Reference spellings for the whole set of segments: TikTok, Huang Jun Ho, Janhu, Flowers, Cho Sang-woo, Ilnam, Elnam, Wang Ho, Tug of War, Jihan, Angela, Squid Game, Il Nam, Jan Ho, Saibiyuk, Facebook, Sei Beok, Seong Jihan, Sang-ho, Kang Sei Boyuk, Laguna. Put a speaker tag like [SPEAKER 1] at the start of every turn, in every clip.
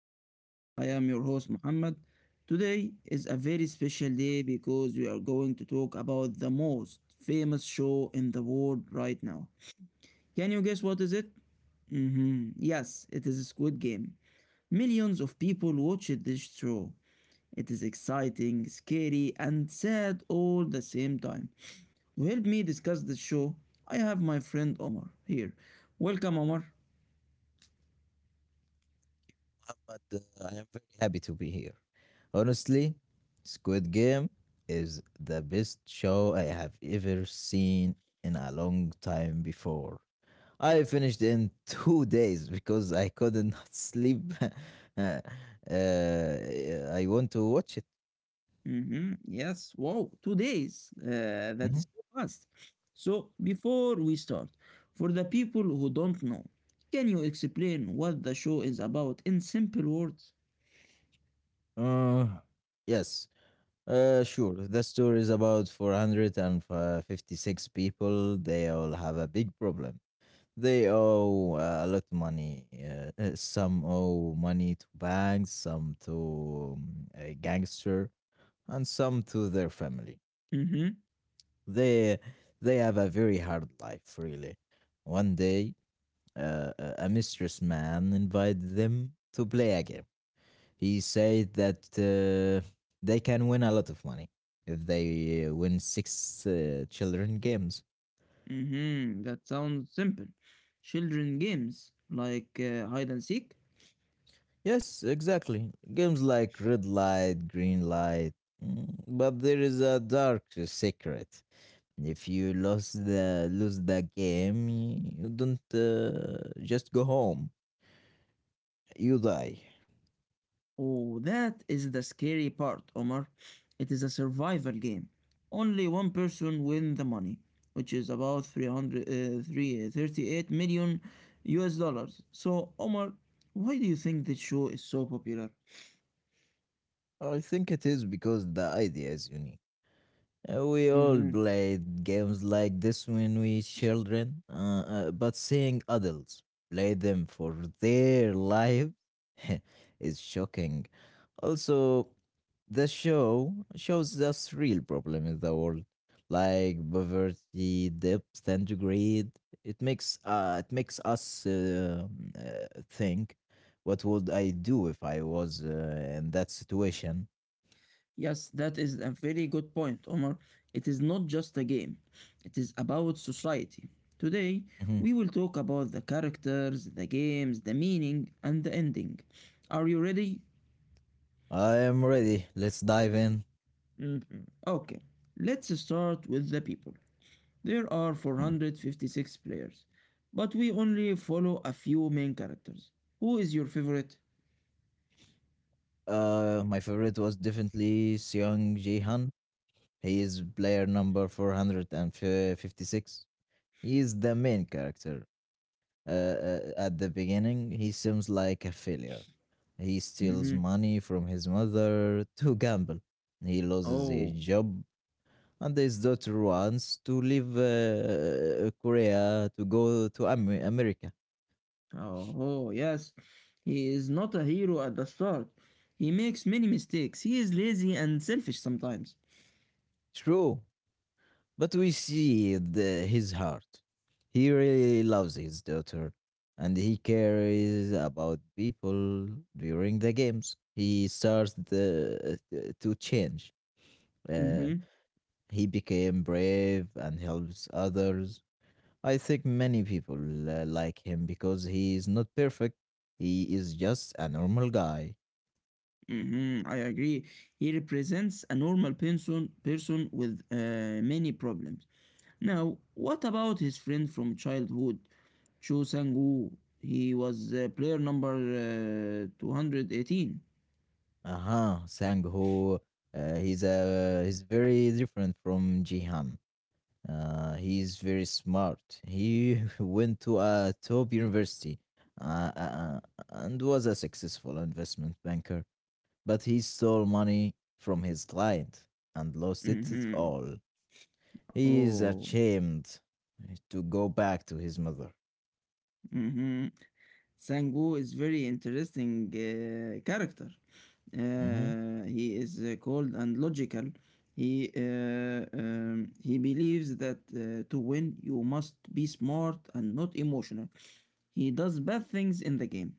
[SPEAKER 1] show. I am your host Muhammad. Today is a very special day because we are going to talk about the most famous show in the world right now. Can you guess what is it? Yes, it is Squid Game. Millions of people watched this show. It is exciting, scary, and sad all the same time. To help me discuss this show, I have my friend Omar here. Welcome, Omar.
[SPEAKER 2] But I am very happy to be here. Honestly, Squid Game is the best show I have ever seen in a long time before. I finished in 2 days because I couldn't sleep. Uh, I want to watch it.
[SPEAKER 1] Yes. Wow. 2 days. That
[SPEAKER 2] Mhm.
[SPEAKER 1] is so fast. So before we start, for the people who don't know, can you explain what the show is about in simple words?
[SPEAKER 2] Uh, yes, sure. The story is about 456 people. They all have a big problem. They owe a lot of money. Some owe money to banks, some to a gangster, and some to their family.
[SPEAKER 1] Mm-hmm.
[SPEAKER 2] They they have a very hard life, really. One day, a mistress man invited them to play a game. He said that they can win a lot of money if they win six children games.
[SPEAKER 1] Mm-hmm. That sounds simple. Children games like hide and seek.
[SPEAKER 2] Yes, exactly. Games like Red Light, Green Light, but there is a dark secret. If you lose the game, you don't just go home. You die.
[SPEAKER 1] Oh, that is the scary part, Omar. It is a survival game. Only one person win the money, which is about 300, 3, U.S. dollars. So, Omar, why do you think this show is so popular?
[SPEAKER 2] I think it is because the idea is unique. We all
[SPEAKER 1] hmm
[SPEAKER 2] played games like this when we children, but seeing adults play them for their lives is shocking. Also, the show shows us real problem in the world, like poverty, depth, and greed. It makes us think, what would I do if I was in that situation?
[SPEAKER 1] Yes, that is a very good point, Omar. It is not just a game, it is about society. Today,
[SPEAKER 2] Mhm.
[SPEAKER 1] we will talk about the characters, the games, the meaning, and the ending. Are you ready?
[SPEAKER 2] I am ready. Let's dive in.
[SPEAKER 1] Mhm. Okay, let's start with the people. There are
[SPEAKER 2] Mm.
[SPEAKER 1] 456 players, but we only follow a few main characters. Who is your favorite?
[SPEAKER 2] My favorite was definitely Seong Jihan. He is player number 456. He is the main character. Uh, at the beginning, he seems like a failure. He steals
[SPEAKER 1] Hmm.
[SPEAKER 2] money from his mother to gamble. He loses his
[SPEAKER 1] Oh,
[SPEAKER 2] job, and his daughter wants to leave Korea to go to America.
[SPEAKER 1] oh, oh, yes. He is not a hero at the start. He makes many mistakes. He is lazy and selfish sometimes.
[SPEAKER 2] True, but we see his heart. He really loves his daughter, and he cares about people during the games. To change. Uh,
[SPEAKER 1] Mm-hmm.
[SPEAKER 2] He became brave and helps others. I think many people like him because he is not perfect. He is just a normal guy.
[SPEAKER 1] Mm-hmm. I agree. He represents a normal person with many problems. Now, what about his friend from childhood, Cho Sang-woo? He was player number 218.
[SPEAKER 2] Aha, Sang-ho, he's very different from Jihan. He's very smart. He went to a top university uh, uh, uh, and was a successful investment banker. But he stole money from his client and lost it
[SPEAKER 1] Mm-hmm.
[SPEAKER 2] all. He is
[SPEAKER 1] Oh,
[SPEAKER 2] ashamed to go back to his mother.
[SPEAKER 1] mm-hmm. Sang-woo is very interesting character.
[SPEAKER 2] Mhm.
[SPEAKER 1] He is cold and logical. He believes that to win you must be smart and not emotional. He does bad things in the game.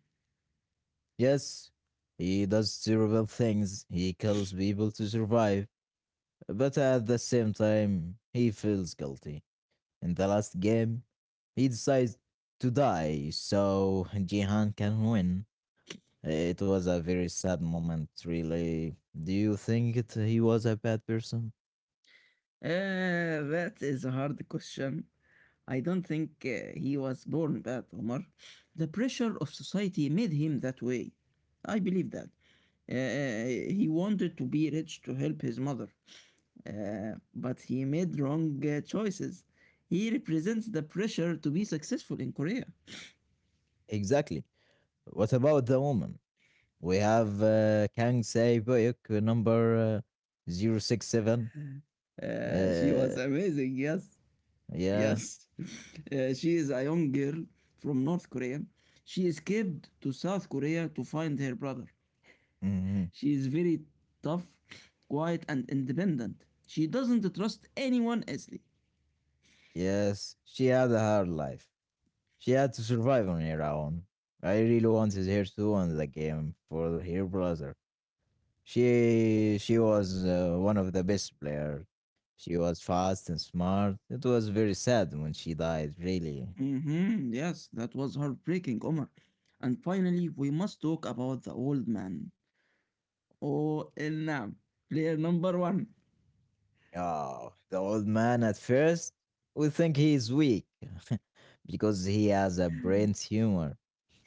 [SPEAKER 2] Yes, he does terrible things. He kills people to survive. But at the same time, he feels guilty. In the last game, he decides to die so Jihan can win. It was a very sad moment, really. Do you think he was a bad person?
[SPEAKER 1] Uh, that is a hard question. I don't think he was born bad, Omar. The pressure of society made him that way. I believe that. He wanted to be rich to help his mother, but he made wrong choices. He represents the pressure to be successful in Korea.
[SPEAKER 2] Exactly. What about the woman? We have Kang Sei Boyuk, number 067.
[SPEAKER 1] She
[SPEAKER 2] Uh,
[SPEAKER 1] was amazing, yes,
[SPEAKER 2] yeah.
[SPEAKER 1] yes. She is a young girl from North Korea. She escaped to South Korea to find her brother.
[SPEAKER 2] Hmm.
[SPEAKER 1] She is very tough, quiet, and independent. She doesn't trust anyone easily.
[SPEAKER 2] Yes. She had a hard life. She had to survive on her own. I really wanted her to win the game for her brother. She was one of the best players. She was fast and smart. It was very sad when she died, really.
[SPEAKER 1] Yes, that was heartbreaking, Omar. And finally, we must talk about the old man. Oh, Elnam, player number one.
[SPEAKER 2] Oh, the old man at first will think he is weak because he has a brain tumor.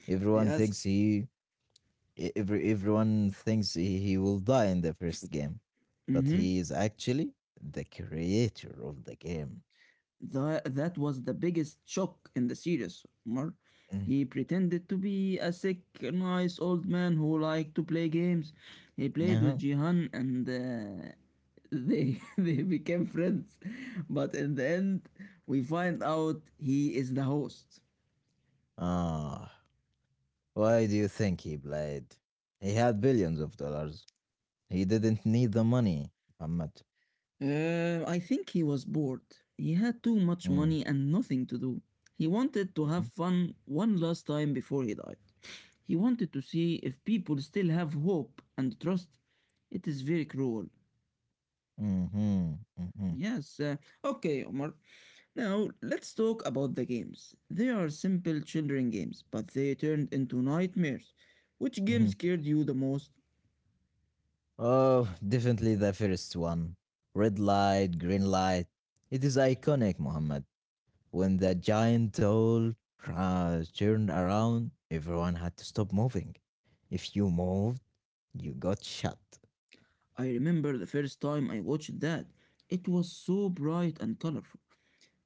[SPEAKER 2] Everyone thinks
[SPEAKER 1] Yes.
[SPEAKER 2] he e- every everyone thinks he will die in the first game, but he is actually the creator of the game.
[SPEAKER 1] That was the biggest shock in the series, Omar.
[SPEAKER 2] Mm.
[SPEAKER 1] He pretended to be a sick, nice old man who liked to play games. He played with
[SPEAKER 2] Uh-huh.
[SPEAKER 1] Jihan, and they they became friends. But in the end, we find out he is the host.
[SPEAKER 2] Ah, why do you think he played? He had billions of dollars. He didn't need the money, Muhammad.
[SPEAKER 1] I think he was bored. He had too much
[SPEAKER 2] Mm-hmm.
[SPEAKER 1] money and nothing to do. He wanted to have fun one last time before he died. He wanted to see if people still have hope and trust. It is very cruel.
[SPEAKER 2] Mm-hmm. Mm-hmm.
[SPEAKER 1] Yes, okay, Omar. Now, let's talk about the games. They are simple children games, but they turned into nightmares. Which game
[SPEAKER 2] Mm-hmm.
[SPEAKER 1] scared you the most?
[SPEAKER 2] Oh, definitely the first one. Red light, green light. It is iconic, Muhammad. When the giant doll turned around, everyone had to stop moving. If you moved, you got shot.
[SPEAKER 1] I remember the first time I watched that. It was so bright and colorful.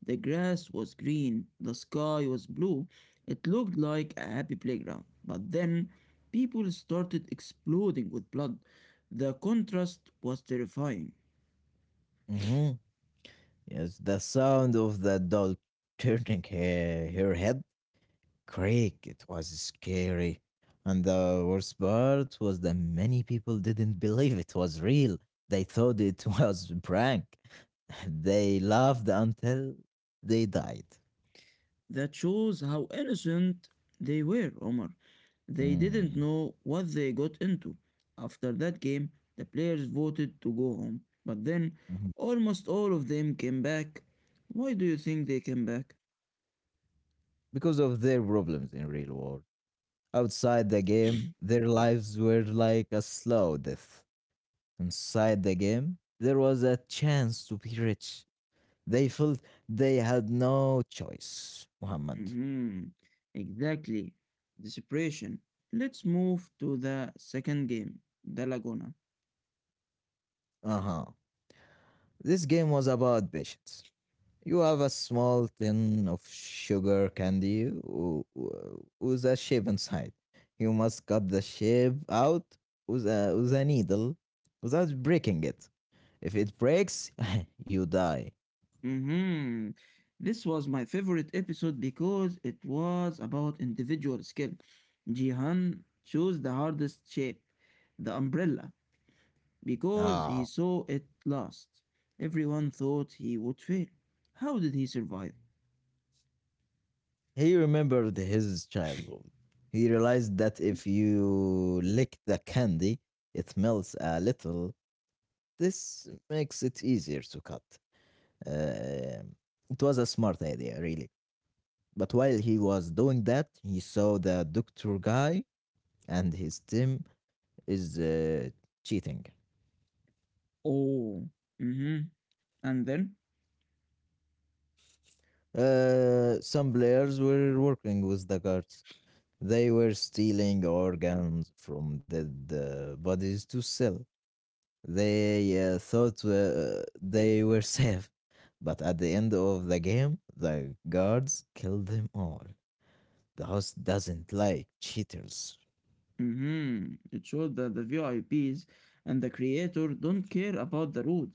[SPEAKER 1] The grass was green, the sky was blue. It looked like a happy playground. But then people started exploding with blood. The contrast was terrifying.
[SPEAKER 2] Hmm. Yes, the sound of the doll turning her head, creek, it was scary. And the worst part was that many people didn't believe it was real. They thought it was a prank. They laughed until they died.
[SPEAKER 1] That shows how innocent they were, Omar. They didn't
[SPEAKER 2] Mm,
[SPEAKER 1] know what they got into. After that game, the players voted to go home. But then
[SPEAKER 2] mhm.
[SPEAKER 1] almost all of them came back. Why do you think they came back?
[SPEAKER 2] Because of their problems in real world. Outside the game, their lives were like a slow death. Inside the game, there was a chance to be rich. They felt they had no choice, Muhammad.
[SPEAKER 1] Mhm. Exactly. Desperation. Let's move to the second game, the Laguna.
[SPEAKER 2] Uh huh. This game was about patience. You have a small tin of sugar candy with a shape inside. You must cut the shape out with a needle without breaking it. If it breaks, you die.
[SPEAKER 1] hmm This was my favorite episode because it was about individual skill. Jihan chose the hardest shape, the umbrella, because he
[SPEAKER 2] Ah.
[SPEAKER 1] saw it last. Everyone thought he would fail. How did he survive?
[SPEAKER 2] He remembered his childhood. He realized that if you lick the candy, it melts a little. This makes it easier to cut. Um it was a smart idea, really. But while he was doing that, he saw the doctor guy and his team is cheating.
[SPEAKER 1] Oh. hmm And then?
[SPEAKER 2] Some players were working with the guards. They were stealing organs from dead bodies to sell. They thought they were safe, but at the end of the game, the guards killed them all. The host doesn't like cheaters.
[SPEAKER 1] Mhm. It showed that the VIPs and the creator don't care about the route.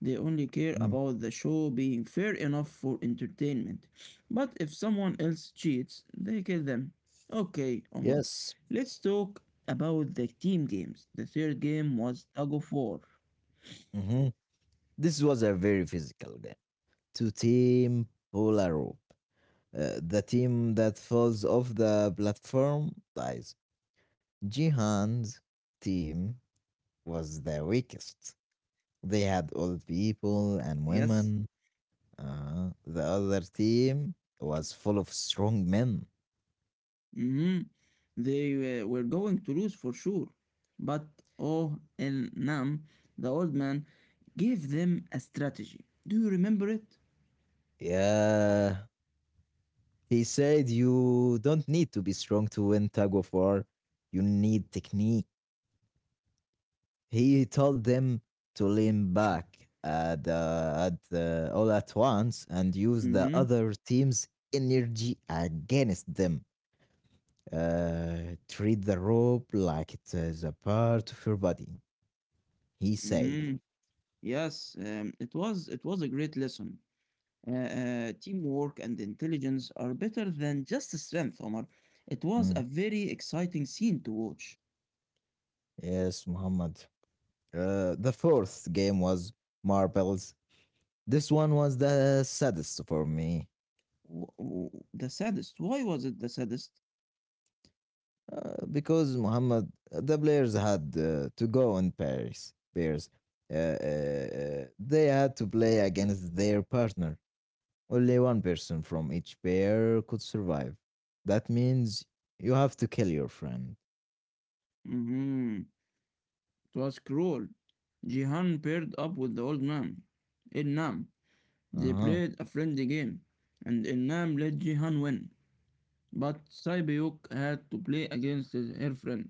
[SPEAKER 1] They only care
[SPEAKER 2] Mm.
[SPEAKER 1] about the show being fair enough for entertainment. But if someone else cheats, they kill them. Okay, Omar.
[SPEAKER 2] Yes.
[SPEAKER 1] Let's talk about the team games. The third game was Tug of War.
[SPEAKER 2] Hmm. This was a very physical game to Team Polaroid. The team that falls off the platform dies. Jihan's team was the weakest. They had old
[SPEAKER 1] Yes.
[SPEAKER 2] people and women. The other team was full of strong men.
[SPEAKER 1] Mm-hmm. They were going to lose for sure. But Oh El Nam, the old man, gave them a strategy. Do you remember it?
[SPEAKER 2] Yeah. He said, "You don't need to be strong to win tug of war. You need technique." He told them to lean back at all at once and use the
[SPEAKER 1] Mm-hmm.
[SPEAKER 2] other team's energy against them. Treat the rope like it is a part of your body, he said.
[SPEAKER 1] Mm-hmm. Yes, it was a great lesson. Teamwork and intelligence are better than just strength, Omar. It was
[SPEAKER 2] Mm,
[SPEAKER 1] a very exciting scene to watch.
[SPEAKER 2] yes, Muhammad. The fourth game was marbles. This one was the saddest for me.
[SPEAKER 1] The saddest. Why was it the saddest?
[SPEAKER 2] Because, Muhammad, the players had to go in Paris. Bears, they had to play against their partner. Only one person from each pair could survive. That means you have to kill your friend.
[SPEAKER 1] Mm-hmm. It was cruel. Jihan paired up with the old man, Il Nam.
[SPEAKER 2] Uh
[SPEAKER 1] They
[SPEAKER 2] huh.
[SPEAKER 1] played a friendly game, and Il Nam let Jihan win. But Saibiyuk had to play against her friend.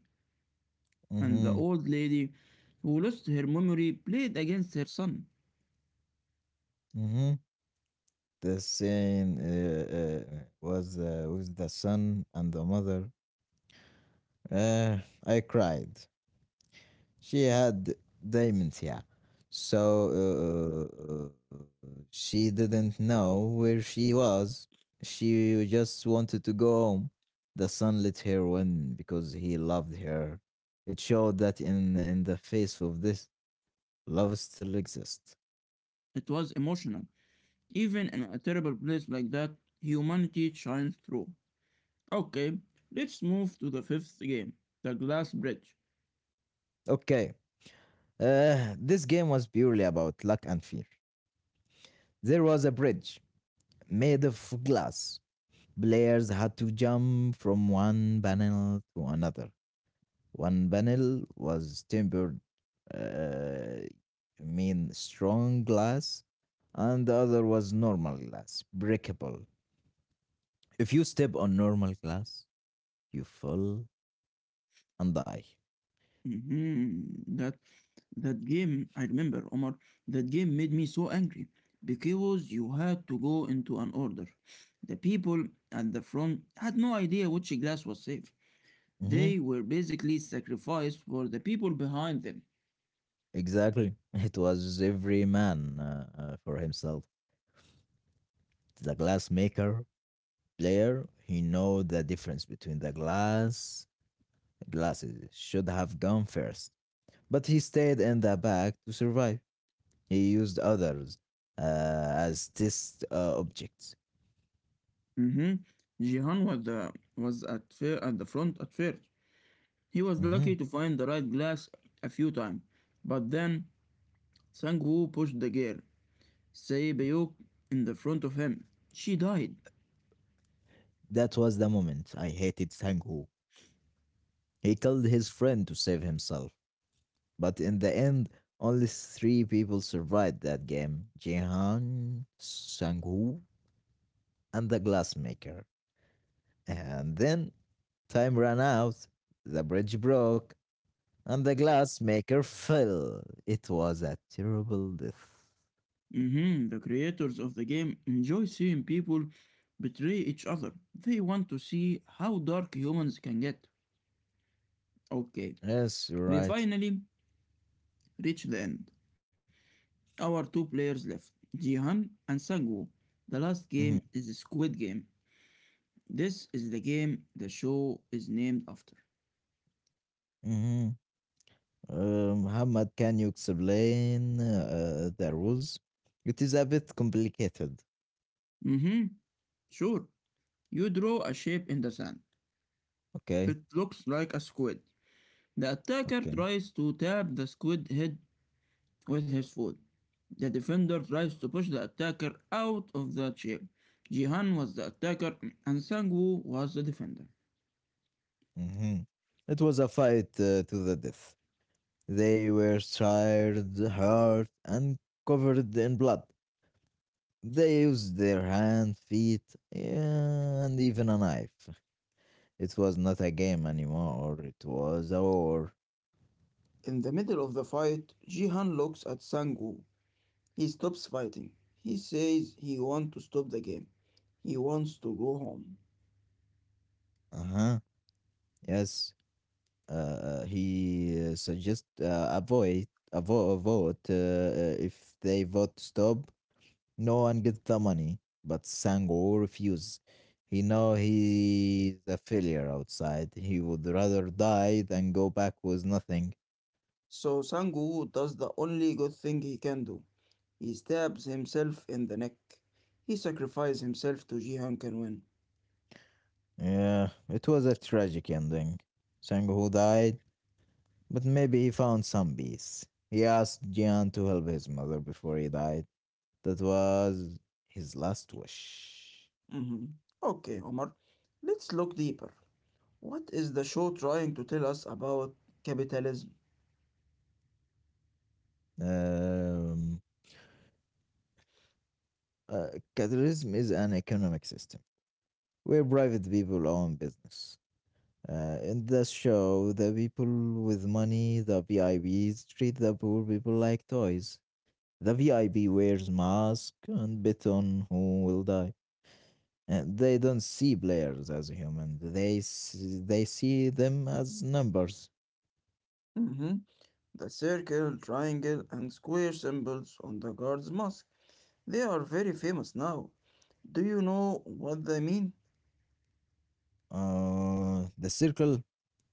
[SPEAKER 1] And the
[SPEAKER 2] Mm-hmm.
[SPEAKER 1] old lady who lost her memory played against her son.
[SPEAKER 2] Mm-hmm. The scene was with the son and the mother. Uh, I cried. She had dementia, so uh, she didn't know where she was. She just wanted to go home. The son let her win because he loved her. It showed that in the face of this, love still exists.
[SPEAKER 1] It was emotional. Even in a terrible place like that, humanity shines through. Okay, let's move to the fifth game, the Glass Bridge.
[SPEAKER 2] Okay, this game was purely about luck and fear. There was a bridge made of glass. Players had to jump from one panel to another. One panel was tempered, uh, I mean strong glass, and the other was normal glass, breakable. If you step on normal glass, you fall and die.
[SPEAKER 1] Mhm. That game, I remember, Omar. That game made me so angry because you had to go into an order. The people at the front had no idea which glass was safe.
[SPEAKER 2] Mhm,
[SPEAKER 1] They were basically sacrificed for the people behind them.
[SPEAKER 2] exactly. It was every man for himself. The glass maker player, he know the difference between the glass. Glasses should have gone first, but he stayed in the back to survive. He used others uh, as test objects.
[SPEAKER 1] Mhm. Jihan was at the front at first. He was
[SPEAKER 2] Mhm.
[SPEAKER 1] lucky to find the right glass a few times, but then Sangwoo pushed the girl, Sei Beok, in the front of him. She died.
[SPEAKER 2] That was the moment I hated Sangho. He killed his friend to save himself. But in the end, only three people survived that game: Jihan, Sanghu, and the glassmaker. And then time ran out, the bridge broke, and the glassmaker fell. It was a terrible death.
[SPEAKER 1] Mhm. The creators of the game enjoy seeing people betray each other. They want to see how dark humans can get. Okay,
[SPEAKER 2] Yes, you're
[SPEAKER 1] we
[SPEAKER 2] right.
[SPEAKER 1] finally reached the end. Our two players left, Jihan and Sangwoo. The last game
[SPEAKER 2] Mhm.
[SPEAKER 1] is Squid Game. This is the game the show is named after.
[SPEAKER 2] Mhm. Muhammad, can you explain the rules? It is a bit complicated.
[SPEAKER 1] Mm-hmm. Sure. You draw a shape in the sand.
[SPEAKER 2] Okay,
[SPEAKER 1] It looks like a squid. The attacker
[SPEAKER 2] okay.
[SPEAKER 1] tries to tap the squid head with his foot. The defender tries to push the attacker out of that shape. Jihan was the attacker and Sangwoo was the defender.
[SPEAKER 2] Hmm. It was a fight to the death. They were tired, hurt, and covered in blood. They used their hand, feet, and even a knife. It was not a game anymore. It was a war.
[SPEAKER 1] In the middle of the fight, Jihan looks at Sangwoo. He stops fighting. He says he wants to stop the game. He wants to go home.
[SPEAKER 2] Uh huh. Yes. He suggest avoid vote. Uh, if they vote stop, no one gets the money, but Sango refuse. He know he's a failure outside. He would rather die than go back with nothing.
[SPEAKER 1] So Sang Woo does the only good thing he can do. He stabs himself in the neck. He sacrifices himself to Jihan can win.
[SPEAKER 2] Yeah, it was a tragic ending. Sango died, but maybe he found some peace. He asked Jian to help his mother before he died. That was his last wish.
[SPEAKER 1] Mhm. Okay, Omar. Let's look deeper. What is the show trying to tell us about capitalism?
[SPEAKER 2] Um Uh, capitalism is an economic system where private people own business. In this show, the people with money, the VIPs, treat the poor people like toys. The VIP wears mask and bet on who will die. And they don't see players as humans. They see them as numbers.
[SPEAKER 1] Mhm. The circle, triangle, and square symbols on the guard's mask. They are very famous now. Do you know what they mean?
[SPEAKER 2] The circle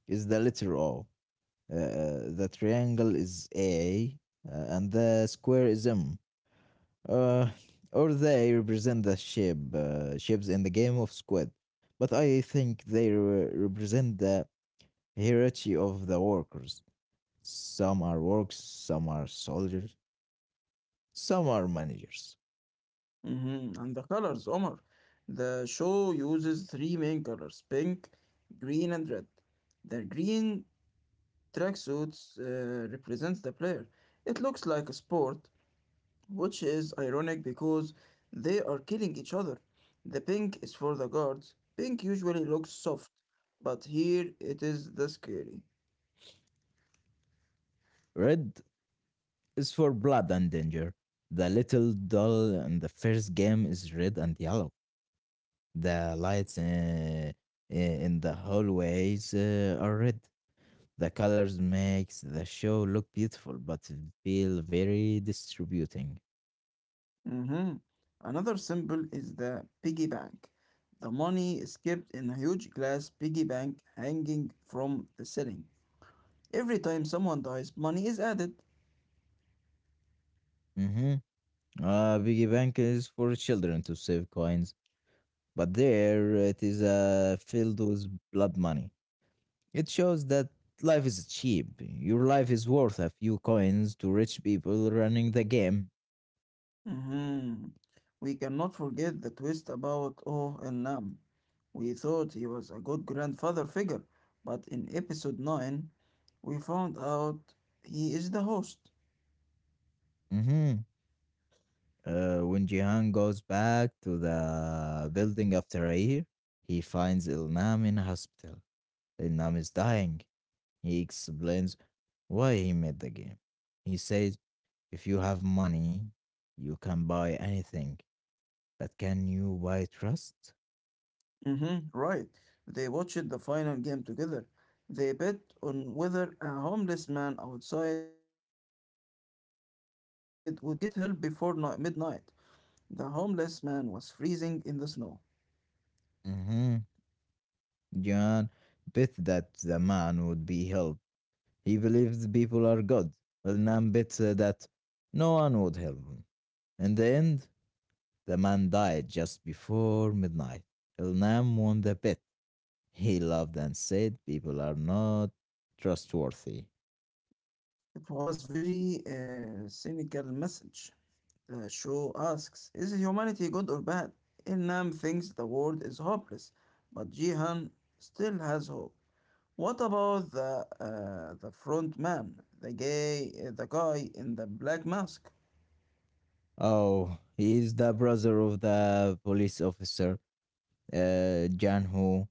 [SPEAKER 2] is the letter O. Uh, the triangle is A, and the square is M. uh, or they represent the ship, ships in the game of Squid. But I think represent the hierarchy of the workers. Some are workers, some are soldiers, some are managers.
[SPEAKER 1] Mhm. And the colors, Omar. The show uses three main colors, pink, green, and red. The green tracksuits represents the player. It looks like a sport, which is ironic because they are killing each other. The pink is for the guards. Pink usually looks soft, but here it is the scary.
[SPEAKER 2] Red is for blood and danger. The little doll in the first game is red and yellow. The lights in the hallways are red. The colors makes the show look beautiful, but feel very distributing.
[SPEAKER 1] hmm Another symbol is the piggy bank. The money is kept in a huge glass piggy bank hanging from the ceiling. Every time someone dies, money is added.
[SPEAKER 2] Mm-hmm. Piggy Bank is for children to save coins, but there it is filled with blood money. It shows that life is cheap. Your life is worth a few coins to rich people running the game.
[SPEAKER 1] hmm We cannot forget the twist about Oh El Nam. We thought he was a good grandfather figure, but in episode 9, we found out he is the host.
[SPEAKER 2] Mm-hmm. When Jihan goes back to the building after a year, he finds Ilnam in hospital. Ilnam is dying. He explains why he made the game. He says, if you have money, you can buy anything, but can you buy trust?
[SPEAKER 1] Mm-hmm, right. They watched the final game together. They bet on whether a homeless man outside would get help before midnight. The homeless man was freezing in the snow.
[SPEAKER 2] hmm John bet that the man would be helped. He believes people are good. Elnam bet that no one would help him. In the end, the man died just before midnight. Elnam won the bet. He laughed and said, "People are not trustworthy."
[SPEAKER 1] It was very cynical message. The show asks, is humanity good or bad? Inam thinks the world is hopeless, but Jihan still has hope. What about the front man, the guy in the black mask?
[SPEAKER 2] Oh, he is the brother of the police officer, Jan Ho.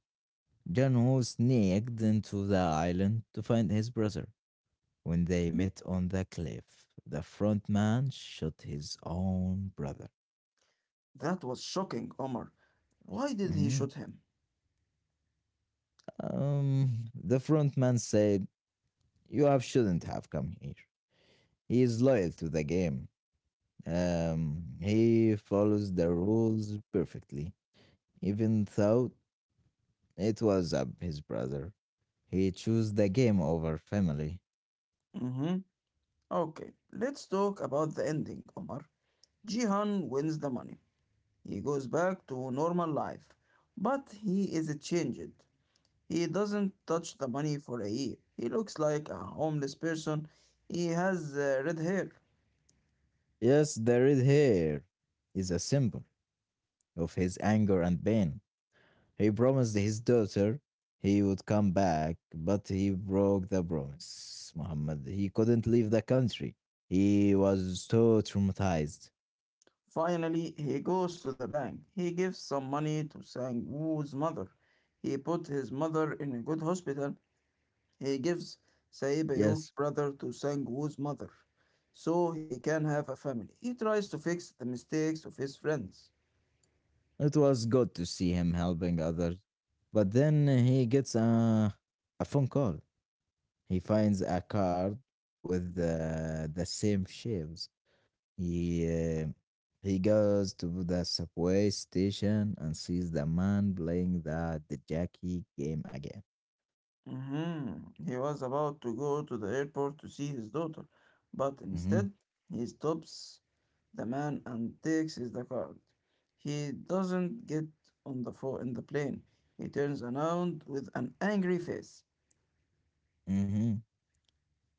[SPEAKER 2] Sneaked into the island to find his brother. When they met on the cliff, the front man shot his own brother.
[SPEAKER 1] That was shocking, Omar. Why did he
[SPEAKER 2] Mhm.
[SPEAKER 1] shoot him?
[SPEAKER 2] The front man said, "You have shouldn't have come here." He is loyal to the game. He follows the rules perfectly, even though it was his brother. He chose the game over family.
[SPEAKER 1] Mm-hmm. Okay, let's talk about the ending, Omar. Jihan wins the money. He goes back to normal life. But he is changed. He doesn't touch the money for a year. He looks like a homeless person. He has red hair.
[SPEAKER 2] Yes, the red hair is a symbol of his anger and pain. He promised his daughter he would come back, but he broke the promise. Muhammad, he couldn't leave the country. He was so traumatized.
[SPEAKER 1] Finally, he goes to the bank. He gives some money to Sang Woo's mother. He put his mother in a good hospital. He gives Saibayuk
[SPEAKER 2] Yes,
[SPEAKER 1] brother to Sangwoo's mother, so he can have a family. He tries to fix the mistakes of his friends.
[SPEAKER 2] it was good to see him helping others. But then he gets a phone call. He finds a card with the same shapes. He he goes to the subway station and sees the man playing the Jackie game again.
[SPEAKER 1] Mhm. He was about to go to the airport to see his daughter, but
[SPEAKER 2] hmm
[SPEAKER 1] instead he stops the man and takes his card. He doesn't get in the plane. He turns around with an angry face.
[SPEAKER 2] hmm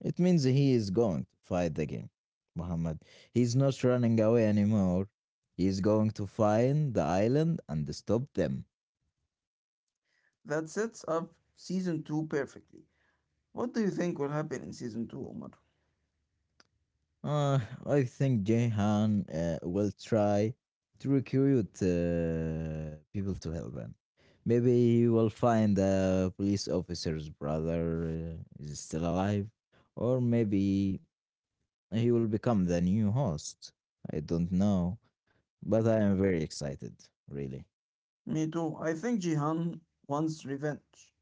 [SPEAKER 2] It means he is going to fight the game, Muhammad. He's not running away anymore. He's going to find the island and stop them.
[SPEAKER 1] That sets up season two perfectly. What do you think will happen in season two, Omar?
[SPEAKER 2] Uh, I think Jehan will try to recruit people to help him. Maybe he will find the police officer's brother is still alive, or maybe he will become the new host. I don't know, but I am very excited, really.
[SPEAKER 1] Me too. I think Jihan wants revenge.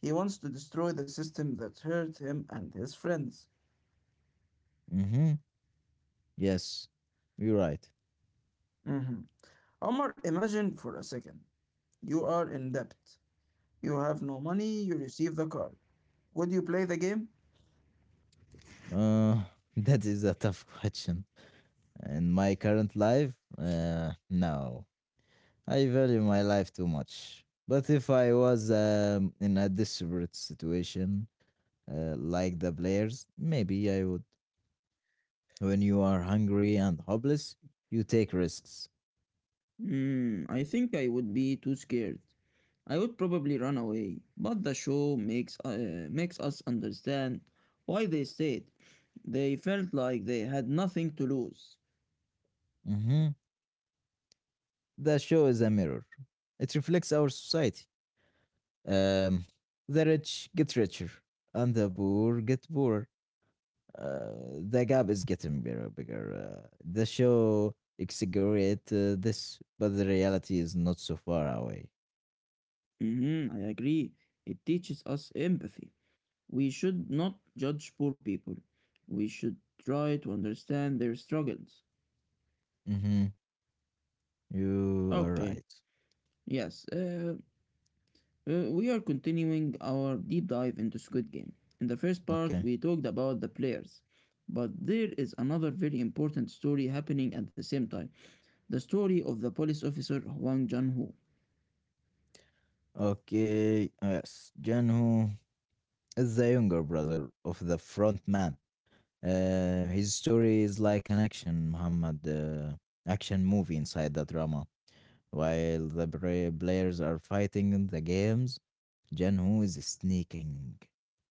[SPEAKER 1] He wants to destroy the system that hurt him and his friends.
[SPEAKER 2] Mm-hmm. Yes, you're right.
[SPEAKER 1] Mhm. Omar, imagine for a second. You are in debt. You have no money, you receive the card. Would you play the game?
[SPEAKER 2] Uh, that is a tough question. In my current life, no. I value my life too much. But if I was in a desperate situation, like the players, maybe I would. When you are hungry and hopeless, you take risks.
[SPEAKER 1] Hmm, I think I would be too scared. I would probably run away, but the show makes us understand why they stayed. They felt like they had nothing to lose.
[SPEAKER 2] hmm The show is a mirror, it reflects our society. Um, the rich get richer, and the poor get poorer. The gap is getting bigger. The show exaggerates this, but the reality is not so far away.
[SPEAKER 1] I agree. It teaches us empathy. We should not judge poor people. We should try to understand their struggles.
[SPEAKER 2] hmm You are
[SPEAKER 1] Okay,
[SPEAKER 2] right.
[SPEAKER 1] yes, we are continuing our deep dive into Squid Game. In the first part,
[SPEAKER 2] Okay.
[SPEAKER 1] we talked about the players. But there is another very important story happening at the same time, the story of the police officer Huang Jun Ho.
[SPEAKER 2] Okay. Yes. Janhu is the younger brother of the front man. His story is like an action movie inside the drama. While the players are fighting in the games, Janhu is sneaking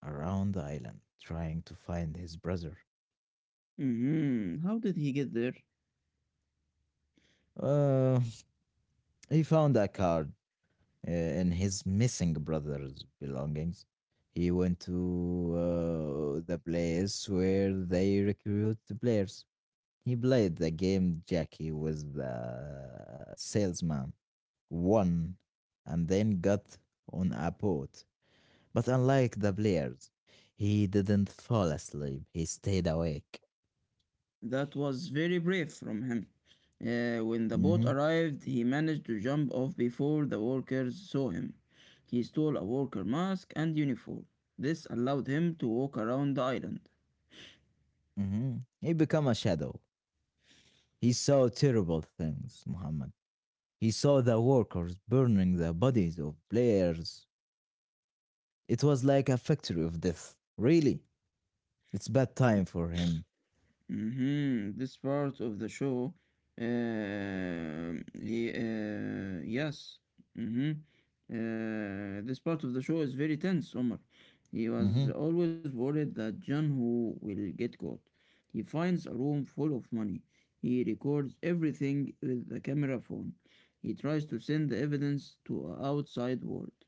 [SPEAKER 2] around the island trying to find his brother.
[SPEAKER 1] How did he get there?
[SPEAKER 2] Uh, he found a car in his missing brother's belongings. He went to the place where they recruit the players. He played the game Jackie with the salesman, won, and then got on a boat. But unlike the players, he didn't fall asleep. He stayed awake.
[SPEAKER 1] That was very brave from him. When the boat
[SPEAKER 2] hmm
[SPEAKER 1] arrived, he managed to jump off before the workers saw him. He stole a worker mask and uniform. This allowed him to walk around the island.
[SPEAKER 2] hmm He became a shadow. He saw terrible things, Muhammad. He saw the workers burning the bodies of players. It was like a factory of death. Really, it's bad time for him.
[SPEAKER 1] Mhm. This part of the show, y- Yes. hmm this part of the show is very tense. Omar, he
[SPEAKER 2] Mm-hmm.
[SPEAKER 1] was always worried that Janhu will get caught. He finds a room full of money. He records everything with a camera phone. He tries to send the evidence to a outside world.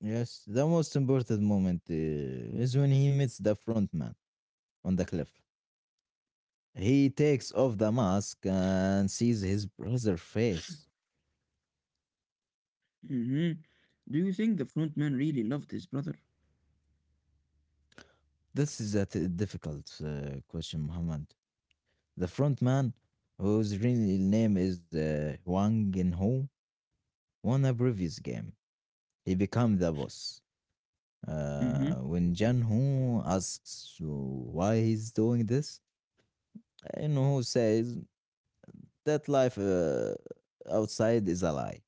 [SPEAKER 2] Yes, the most important moment is when he meets the front man on the cliff. He takes off the mask and sees his brother's face.
[SPEAKER 1] hmm Do you think the front man really loved his brother?
[SPEAKER 2] This is a difficult question, Muhammad. The front man, whose real name is Wang Ho, won a previous game. He became the boss.
[SPEAKER 1] Mm-hmm.
[SPEAKER 2] When Jan Hu asks why he's doing this, Inhu says that life outside is a lie,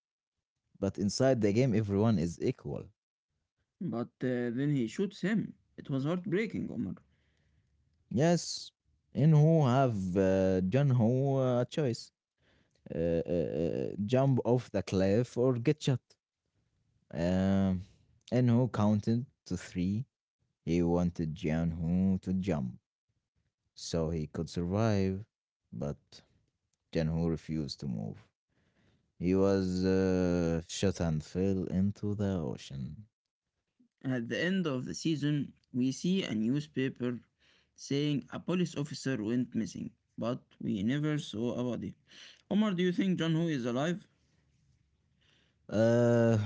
[SPEAKER 2] but inside the game everyone is equal.
[SPEAKER 1] But then he shoots him. It was heartbreaking, Omar.
[SPEAKER 2] Yes, Inhu have Jan Hu a choice: jump off the cliff or get shot. Um, Inhu counted to three. He wanted Jan Hu to jump so he could survive, but Jan Hu refused to move. He was shot and fell into the ocean.
[SPEAKER 1] At the end of the season, we see a newspaper saying a police officer went missing, but we never saw a body. Omar, do you think John Ho is alive?
[SPEAKER 2] Uh,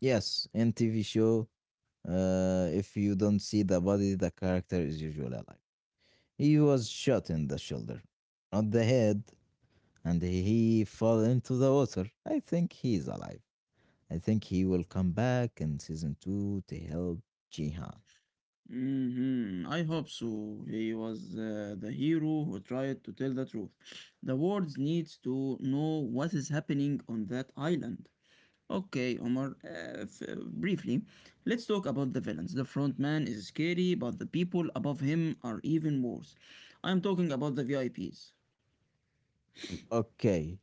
[SPEAKER 2] yes, in TV show, if you don't see the body, the character is usually alive. He was shot in the shoulder, not the head, and he fell into the water. I think he is alive. I think he will come back in season two to help Jihan.
[SPEAKER 1] I hope so. He was the hero who tried to tell the truth. The world needs to know what is happening on that island. Okay, Omar, briefly, let's talk about the villains. The front man is scary, but the people above him are even worse. I'm talking about the VIPs.
[SPEAKER 2] Okay.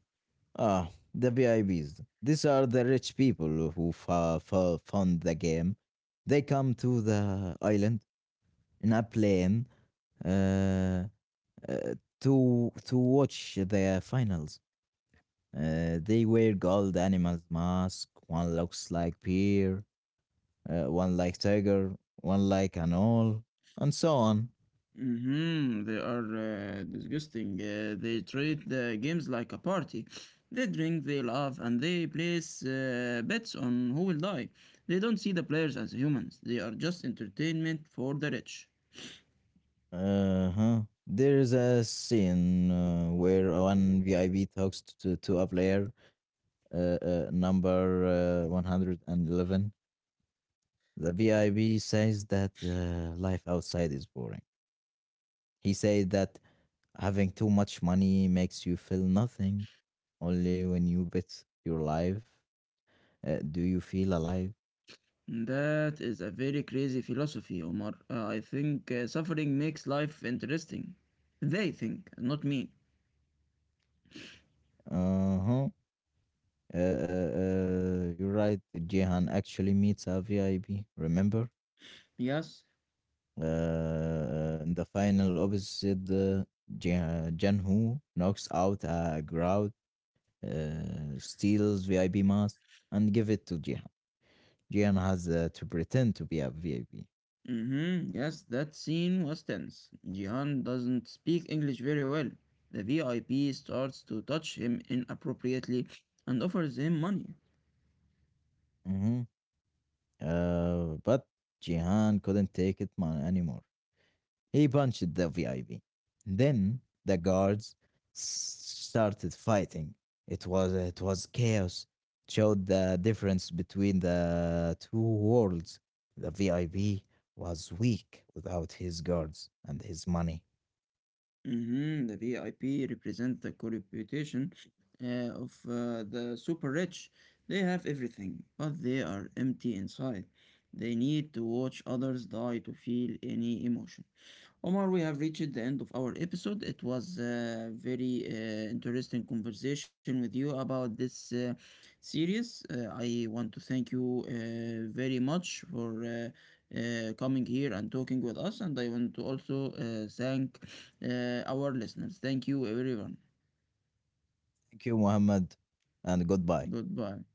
[SPEAKER 2] Ah, the VIPs. These are the rich people who fund the game. They come to the island in a plane, uh, uh, to watch the finals. They wear gold animals mask. One looks like bear, one like tiger, one like an owl, and so on.
[SPEAKER 1] Mm-hmm. They are disgusting. They treat the games like a party. They drink, they laugh, and they place bets on who will die. They don't see the players as humans. They are just entertainment for the rich.
[SPEAKER 2] Uh huh. There's a scene where one VIP talks to a player, number 111. The VIB says that life outside is boring. He said that having too much money makes you feel nothing. Only when you bet your life do you feel alive.
[SPEAKER 1] That is a very crazy philosophy, Omar. I think suffering makes life interesting. They think, not me.
[SPEAKER 2] Uh huh. You're right. Jehan actually meets a VIB. Remember,
[SPEAKER 1] Yes.
[SPEAKER 2] in the final opposite, Janhu knocks out a crowd, steals VIB mask, and give it to Jehan. Jehan has to pretend to be a VIB.
[SPEAKER 1] Mm-hmm. Yes, that scene was tense. Jihan doesn't speak English very well. The VIP starts to touch him inappropriately and offers him money.
[SPEAKER 2] Mm-hmm. But Jihan couldn't take it anymore. He punched the VIP. Then the guards started fighting. It was chaos. It showed the difference between the two worlds. The VIP was weak without his guards and his money.
[SPEAKER 1] Mhm. The VIP represent the corporation uh, of the super rich. They have everything, but they are empty inside. They need to watch others die to feel any emotion. Omar, we have reached the end of our episode. It was a very interesting conversation with you about this series. I want to thank you very much for coming here and talking with us. And I want to also thank our listeners. Thank you, everyone.
[SPEAKER 2] Thank you, Muhammad, and goodbye.
[SPEAKER 1] Goodbye.